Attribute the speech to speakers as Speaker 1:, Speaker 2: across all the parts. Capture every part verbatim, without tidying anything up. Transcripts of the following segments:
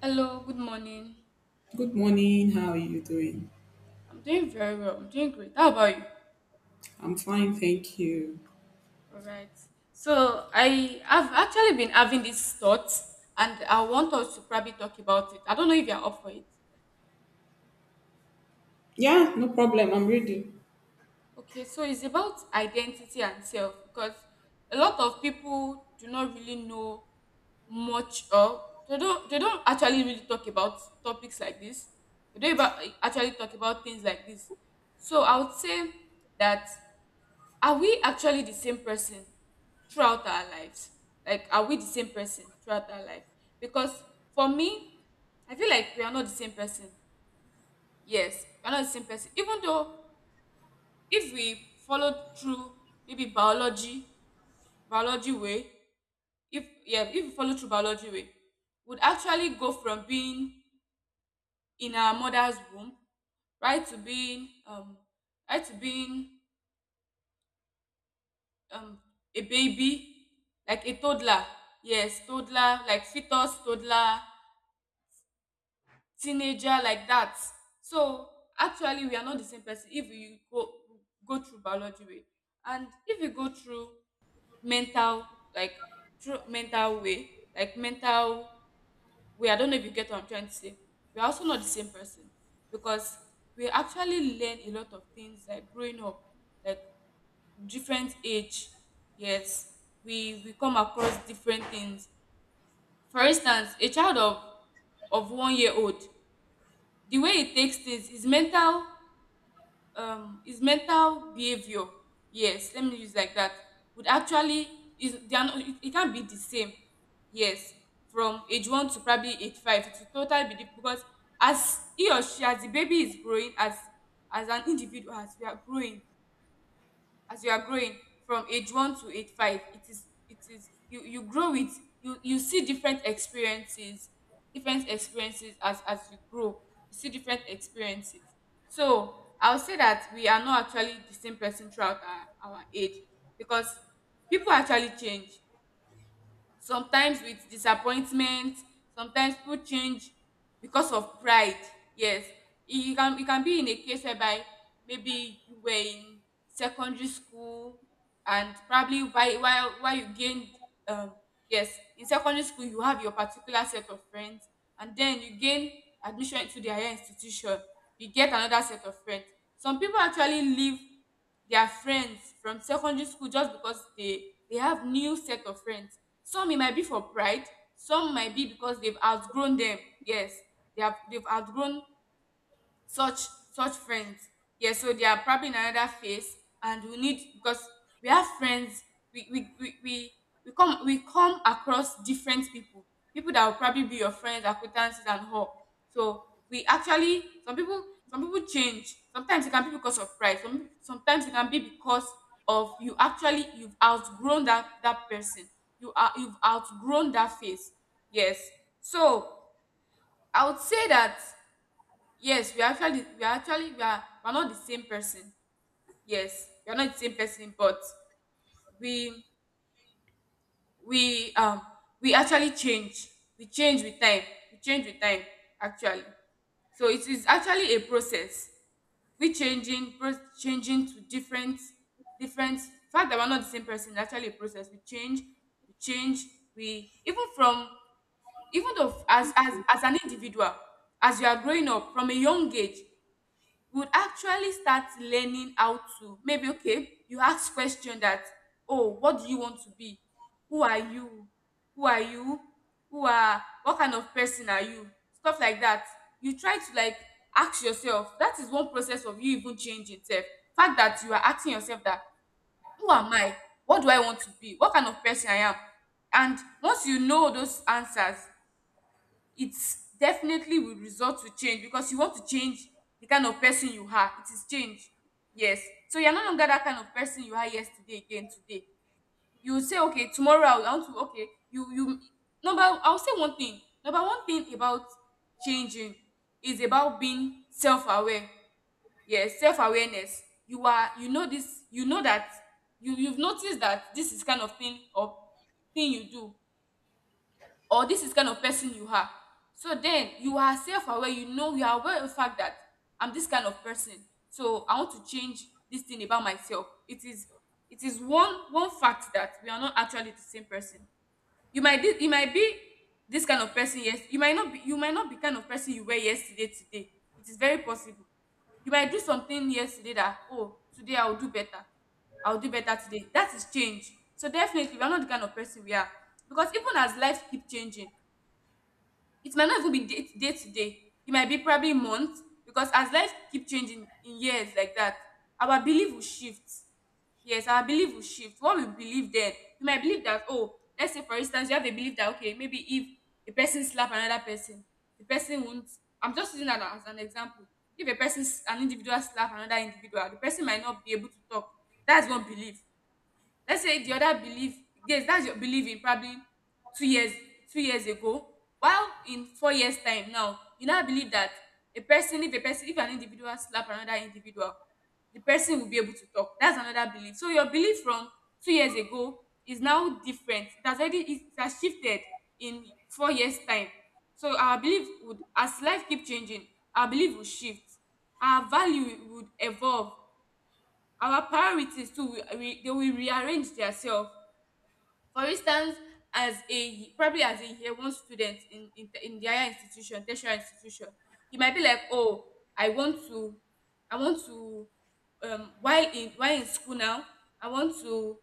Speaker 1: Hello, good morning.
Speaker 2: Good morning. How are you doing?
Speaker 1: I'm doing very well. I'm doing great. How about you?
Speaker 2: I'm fine, thank you.
Speaker 1: All right. So I have actually been having these thoughts, and I want us to probably talk about it. I don't know if you're up for it.
Speaker 2: Yeah, no problem. I'm ready.
Speaker 1: Okay, so it's about identity and self because a lot of people do not really know much of they don't they don't actually really talk about topics like this. They don't about, actually talk about things like this. So I would say that are we actually the same person throughout our lives? Like, are we the same person throughout our life? Because for me, I feel like we are not the same person. Yes, we are not the same person. Even though if we follow through maybe biology, biology way, if yeah, if we follow through biology way, would actually go from being in our mother's womb right to being um right to being um a baby, like a toddler. Yes, toddler, like fetus, toddler, teenager, like that. So actually we are not the same person if you go go through biology way, and if you go through mental, like through mental way, like mental way. I don't know if you get what I'm trying to say. We're also not the same person because we actually learn a lot of things, like growing up, like different age. Yes, we we come across different things. For instance, a child of of one year old, the way he takes things, his mental, um his mental behavior, yes, let me use like that, would actually is they are not, it, it can't be the same. Yes, from age one to probably age five, it will totally be different because as he or she, as the baby is growing, as as an individual, as we are growing, as you are growing, from age one to age five, it is it is you you grow with you you see different experiences, different experiences as as you grow, you see different experiences. So I'll say that we are not actually the same person throughout our, our age, because people actually change, sometimes with disappointment, sometimes people change because of pride. Yes, it e can it can be in a case whereby maybe you were in secondary school, and probably while while while you gained um yes, in secondary school you have your particular set of friends, and then you gain admission to the higher institution, you get another set of friends. Some people actually leave their friends from secondary school just because they they have new set of friends. Some, it might be for pride, some might be because they've outgrown them. Yes, they have they've outgrown such such friends. Yeah, so they are probably in another phase, and we need because we have friends. We we we, we we come we come across different people, people that will probably be your friends, acquaintances and all. So we actually some people, some people change, sometimes it can be because of pride, some, sometimes it can be because of you actually you've outgrown that that person, you are you've outgrown that phase. Yes. So I would say that yes, we are actually we are actually we are we're not the same person. Yes, we are not the same person, but we we um we actually change. We change with time. We change with time actually. So it is actually a process. We changing pro- changing to different different fact that we're not the same person is actually a process. We change, we change, we even from even though as as as an individual, as you are growing up from a young age, you would actually start learning how to maybe okay, you ask question that oh, what do you want to be, who are you, who are you who are what kind of person are you, stuff like that. You try to like ask yourself, that is one process of you even changing self, fact that you are asking yourself that who am I, what do I want to be, what kind of person I am. And once you know those answers, it's definitely will result to change because you want to change the kind of person you are. It is change. Yes. So you're no longer that kind of person you are yesterday again today. You will say, okay, tomorrow I will- I want to okay, you you number I'll say one thing. Number one thing about changing is about being self-aware. Yes, self-awareness. You are you know this, you know that you, you've noticed that this is kind of thing or thing you do, or this is kind of person you are. So then you are self aware, you know, you are aware of the fact that I'm this kind of person. So I want to change this thing about myself. It is it is one one fact that we are not actually the same person. You might be, you might be this kind of person, yes. You might not be you might not be kind of person you were yesterday today. It is very possible. You might do something yesterday that oh today I'll do better. I'll do better today. That is change. So definitely we are not the kind of person we are. Because even as life keep changing, it might not even be day, day to day. It might be probably months because as life keep changing in years like that, our belief will shift. Yes, our belief will shift. What we believe then, you might believe that, oh, let's say for instance, you have a belief that, okay, maybe if a person slap another person, the person won't. I'm just using that as an example. If a person, s- an individual slap another individual, the person might not be able to talk. That's one belief. Let's say the other believe yes, that's your belief in probably two years two years ago, while in four years time now, you now believe that a person if a person if an individual slap another individual, the person will be able to talk. That's another belief. So your belief from two years ago is now different. It has already it has shifted in four years time. So our belief would as life keep changing, our belief will shift, our value would evolve, our priorities too will re- they will rearrange theirself. For instance, as a probably as a year one student in in, in the higher institution, tertiary institution, he might be like, oh, I want to i want to um while in while in school now, I want to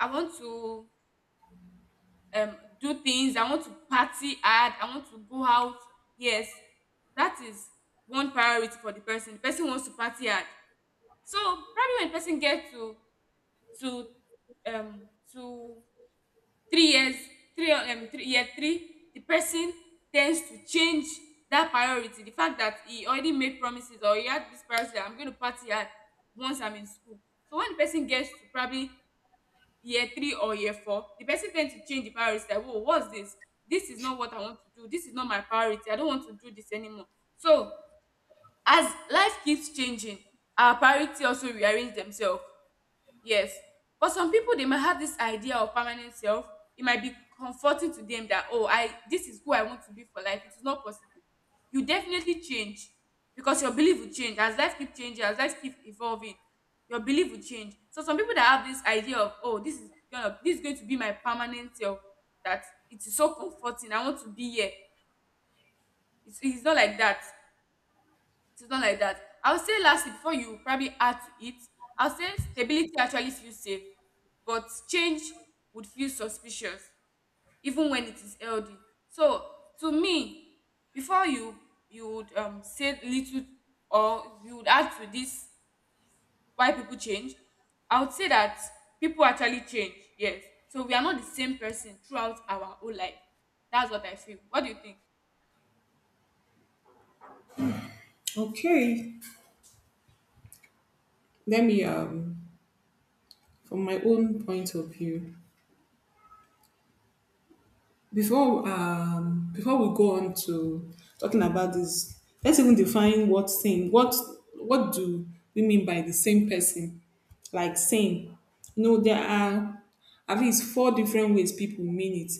Speaker 1: i want to um do things, I want to party hard, I want to go out. Yes, that is one priority for the person, the person wants to party hard. So probably when the person get to to um to three years three um three year three, the person tends to change that priority, the fact that he already made promises or he had this priority that I'm going to party hard once I'm in school. So when the person gets to probably year three or year four, the person tends to change the priority like whoa, what's this, this is not what I want to do, this is not my priority, I don't want to do this anymore. So as life keeps changing, our priority also rearrange themselves. Yes, for some people, they might have this idea of permanent self. It might be comforting to them that oh, I this is who I want to be for life. It is not possible. You definitely change because your belief will change as life keep changing, as life keep evolving. Your belief will change. So some people that have this idea of oh, this is gonna this is going to be my permanent self. That it is so comforting. I want to be here. It's, it's not like that. It's not like that. I would say lastly, before you probably add to it, I would say stability actually feels safe, but change would feel suspicious even when it is healthy. So to me, before you you would um say little or you would add to this why people change, I would say that people actually change. Yes. So we are not the same person throughout our whole life. That's what I feel. What do you think?
Speaker 2: Okay. Let me um from my own point of view. Before um before we go on to talking about this, let's even define what same. What what do we mean by the same person? Like same. You know, there are at least four different ways people mean it.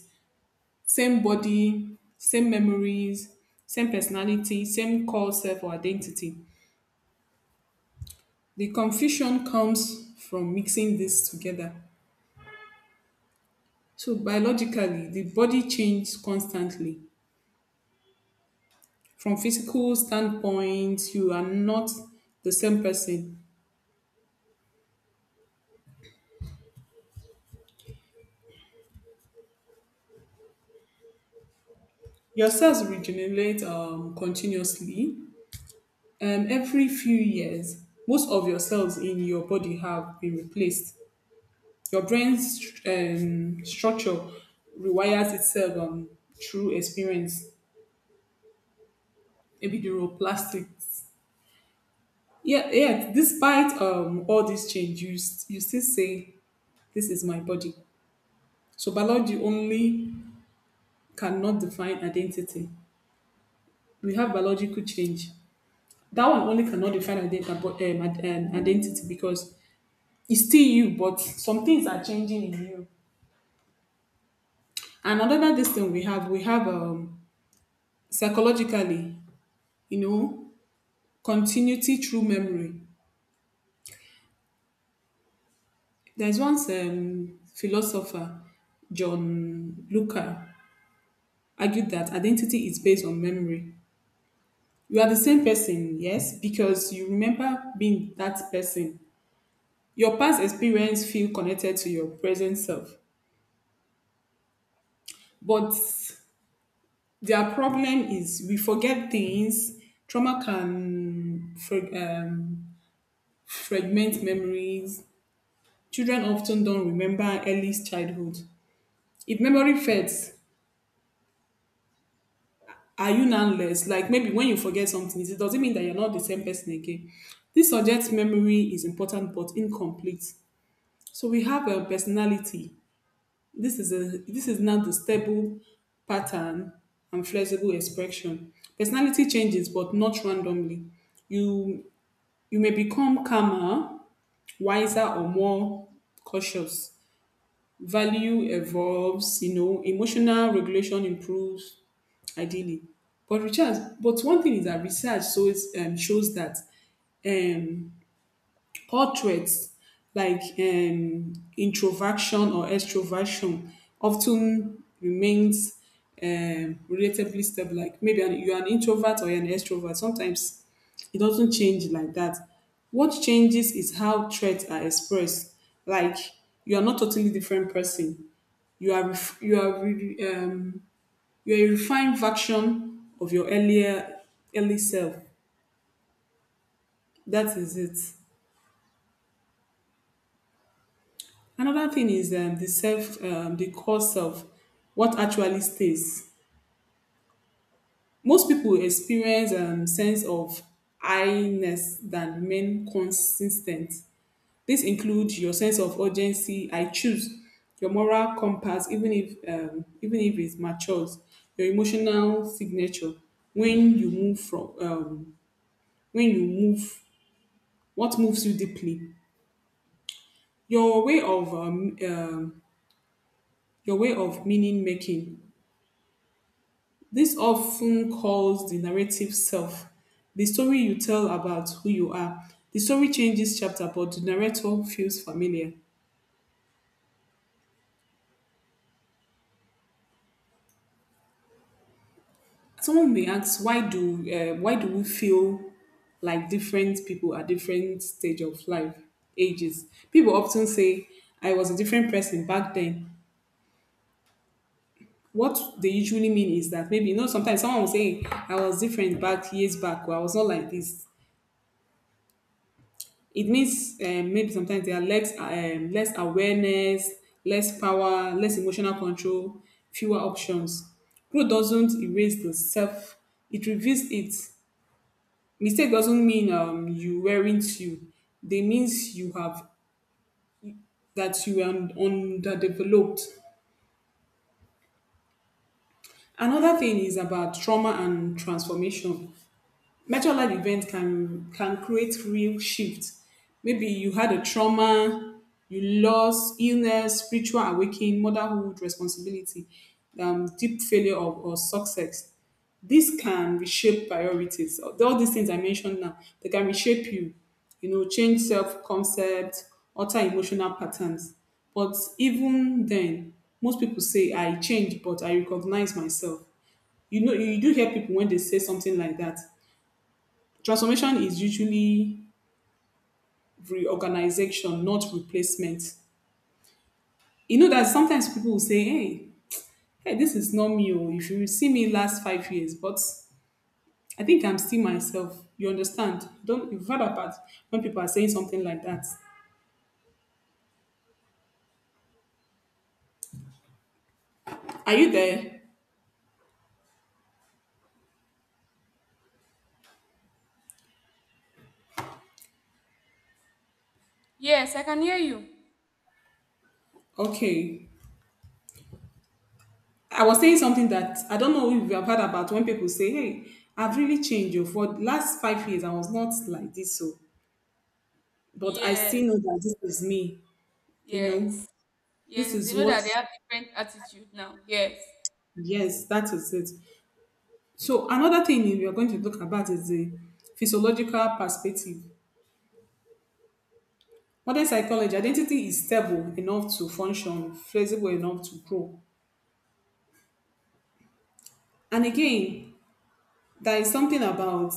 Speaker 2: Same body, same memories, same personality, same core self or identity. The confusion comes from mixing this together. So biologically, the body changes constantly. From physical standpoint, you are not the same person. Your cells regenerate um, continuously. Um, every few years, most of your cells in your body have been replaced. Your brain's um, structure rewires itself um, through experience, maybe neuroplastics. Yeah, yeah. Despite um, all this change, you, s- you still say, this is my body. So, biology only cannot define identity. We have biological change. That one only cannot define identi- um, ad- um, identity, because it's still you, but some things are changing in you. And another this thing we have, we have um, psychologically, you know, continuity through memory. There's once um, philosopher, John Luca, argued that identity is based on memory. You are the same person, yes, because you remember being that person. Your past experience feel connected to your present self. But their problem is we forget things. Trauma can frag- um, fragment memories. Children often don't remember early childhood. If memory fades, are you now less? Like maybe when you forget something, it does not mean that you're not the same person again? This suggests memory is important but incomplete. So we have a personality. This is a this is now the stable pattern and flexible expression. Personality changes but not randomly. You you may become calmer, wiser or more cautious. Value evolves, you know, emotional regulation improves, ideally. But research, but one thing is that research shows um, shows that um, portraits like um, introversion or extroversion often remains um, relatively stable. Like maybe an, you're an introvert or you're an extrovert. Sometimes it doesn't change like that. What changes is how traits are expressed. Like you are not totally different person. You are ref- you are re- um, you're a refined version of your earlier early self. That is it. Another thing is um, the self, um, the core self, what actually stays. Most people experience um, sense of I-ness that remain consistent. This includes your sense of urgency. I choose your moral compass, even if um, even if it matures, your emotional signature when you move from um, when you move what moves you deeply. Your way of um, um, your way of meaning making. This often calls the narrative self. The story you tell about who you are. The story changes chapter, but the narrator feels familiar. Someone may ask, why do uh, why do we feel like different people at different stage of life ages? People often say, I was a different person back then. What they usually mean is that, maybe you know, sometimes someone will say I was different back years back, or I was not like this. It means um, maybe sometimes there are less um, less awareness, less power, less emotional control, fewer options. Growth doesn't erase the self; it reveals it. Mistake doesn't mean um, you weren't you. They means you have, that you are underdeveloped. Another thing is about trauma and transformation. Major life event can can create real shift. Maybe you had a trauma, you lost, illness, spiritual awakening, motherhood, responsibility, um, deep failure of or success. This can reshape priorities. All these things I mentioned now, they can reshape you, you know, change self-concept, alter emotional patterns. But even then, most people say I change, but I recognize myself. You know, you do hear people when they say something like that. Transformation is usually reorganization, not replacement. You know that sometimes people will say, hey, hey, this is not me. Or if you see me last five years, but I think I'm still myself. You understand? Don't you've heard about when people are saying something like that. Are you there?
Speaker 1: Yes, I can hear you.
Speaker 2: Okay. I was saying something, that I don't know if you have heard about when people say, hey, I've really changed you. For the last five years, I was not like this. So, but I
Speaker 1: Yes,
Speaker 2: still know that this is me, you
Speaker 1: yes.
Speaker 2: know, this
Speaker 1: Yes, they
Speaker 2: is
Speaker 1: know
Speaker 2: what.
Speaker 1: that they have different attitude now. Yes.
Speaker 2: Yes, that is it. So another thing we are going to look about is the physiological perspective. Modern psychology, identity is stable enough to function, flexible enough to grow. And again, there is something about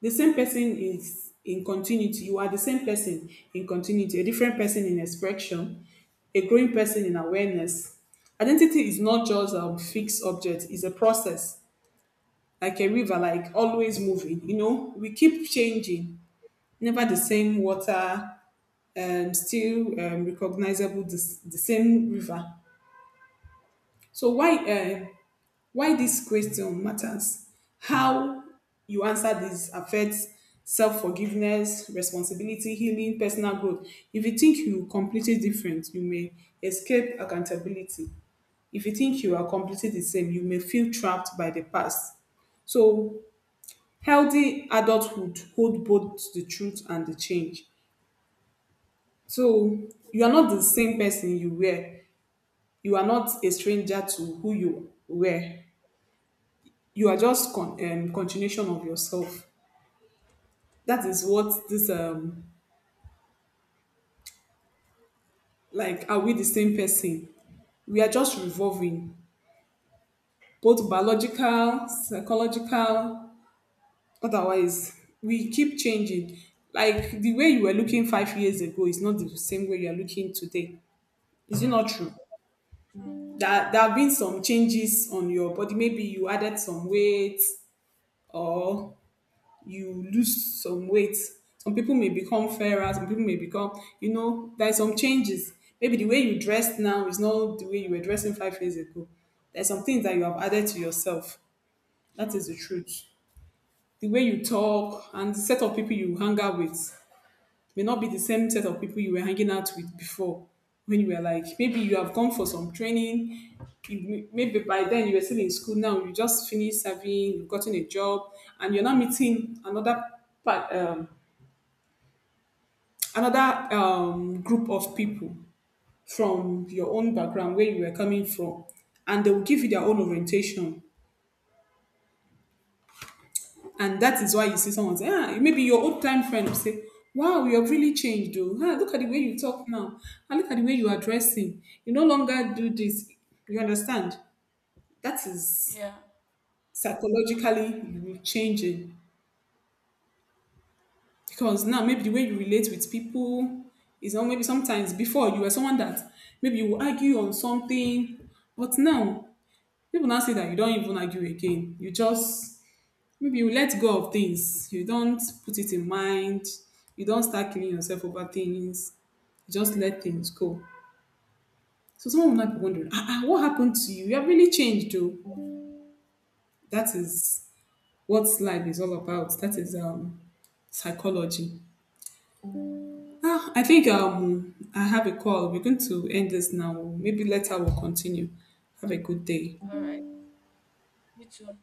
Speaker 2: the same person is in continuity. You are the same person in continuity, a different person in expression, a growing person in awareness. Identity is not just a fixed object, it's a process, like a river, like always moving. You know, we keep changing, never the same water, um, still um, recognizable the, the same river. So why uh, why this question matters? How you answer this affects self forgiveness, responsibility, healing, personal growth. If you think you completely different, you may escape accountability. If you think you are completely the same, you may feel trapped by the past. So healthy adulthood hold both the truth and the change. So you are not the same person you were. You are not a stranger to who you were. You are just con- um, continuation of yourself. That is what this um like. Are we the same person? We are just revolving, both biological, psychological. Otherwise, we keep changing. Like the way you were looking five years ago is not the same way you are looking today. Is it
Speaker 1: True,
Speaker 2: not true?
Speaker 1: true,
Speaker 2: That there have been some changes on your body. Maybe you added some weight, or you lose some weight. Some people may become fairer, some people may become, you know, there's some changes. Maybe the way you dress now is not the way you were dressing five years ago. There's some things that you have added to yourself. That
Speaker 1: true.
Speaker 2: is the truth. The way you talk and the set of people you hang out with may not be the same set of people you were hanging out with before. When you were like, maybe you have gone for some training, you, maybe by then you were still in school, now you just finished serving, you've gotten a job, and you're not meeting another part, um, another um, group of people from your own background where you were coming from, and they will give you their own orientation, and that is why you see someone say ah, maybe your old time friend will say, wow, you have really changed though, ah, look at the way you talk now and look at the way you are dressing, you no longer do this, you understand, that is
Speaker 1: Yeah.
Speaker 2: psychologically you changing. Because now maybe the way you relate with people is not, maybe sometimes before you were someone that maybe you will argue on something, but now people now say that you don't even argue again. You just, maybe you let go of things. You don't put it in mind. You don't start killing yourself over things. You just let things go. So someone will not be wondering, ah, ah, what happened to you? You have really changed, though. That is what life is all about. That is um psychology. Ah, I think um I have a call. We're going to end this now. Maybe later we'll continue. Have a good day.
Speaker 1: All right. You too.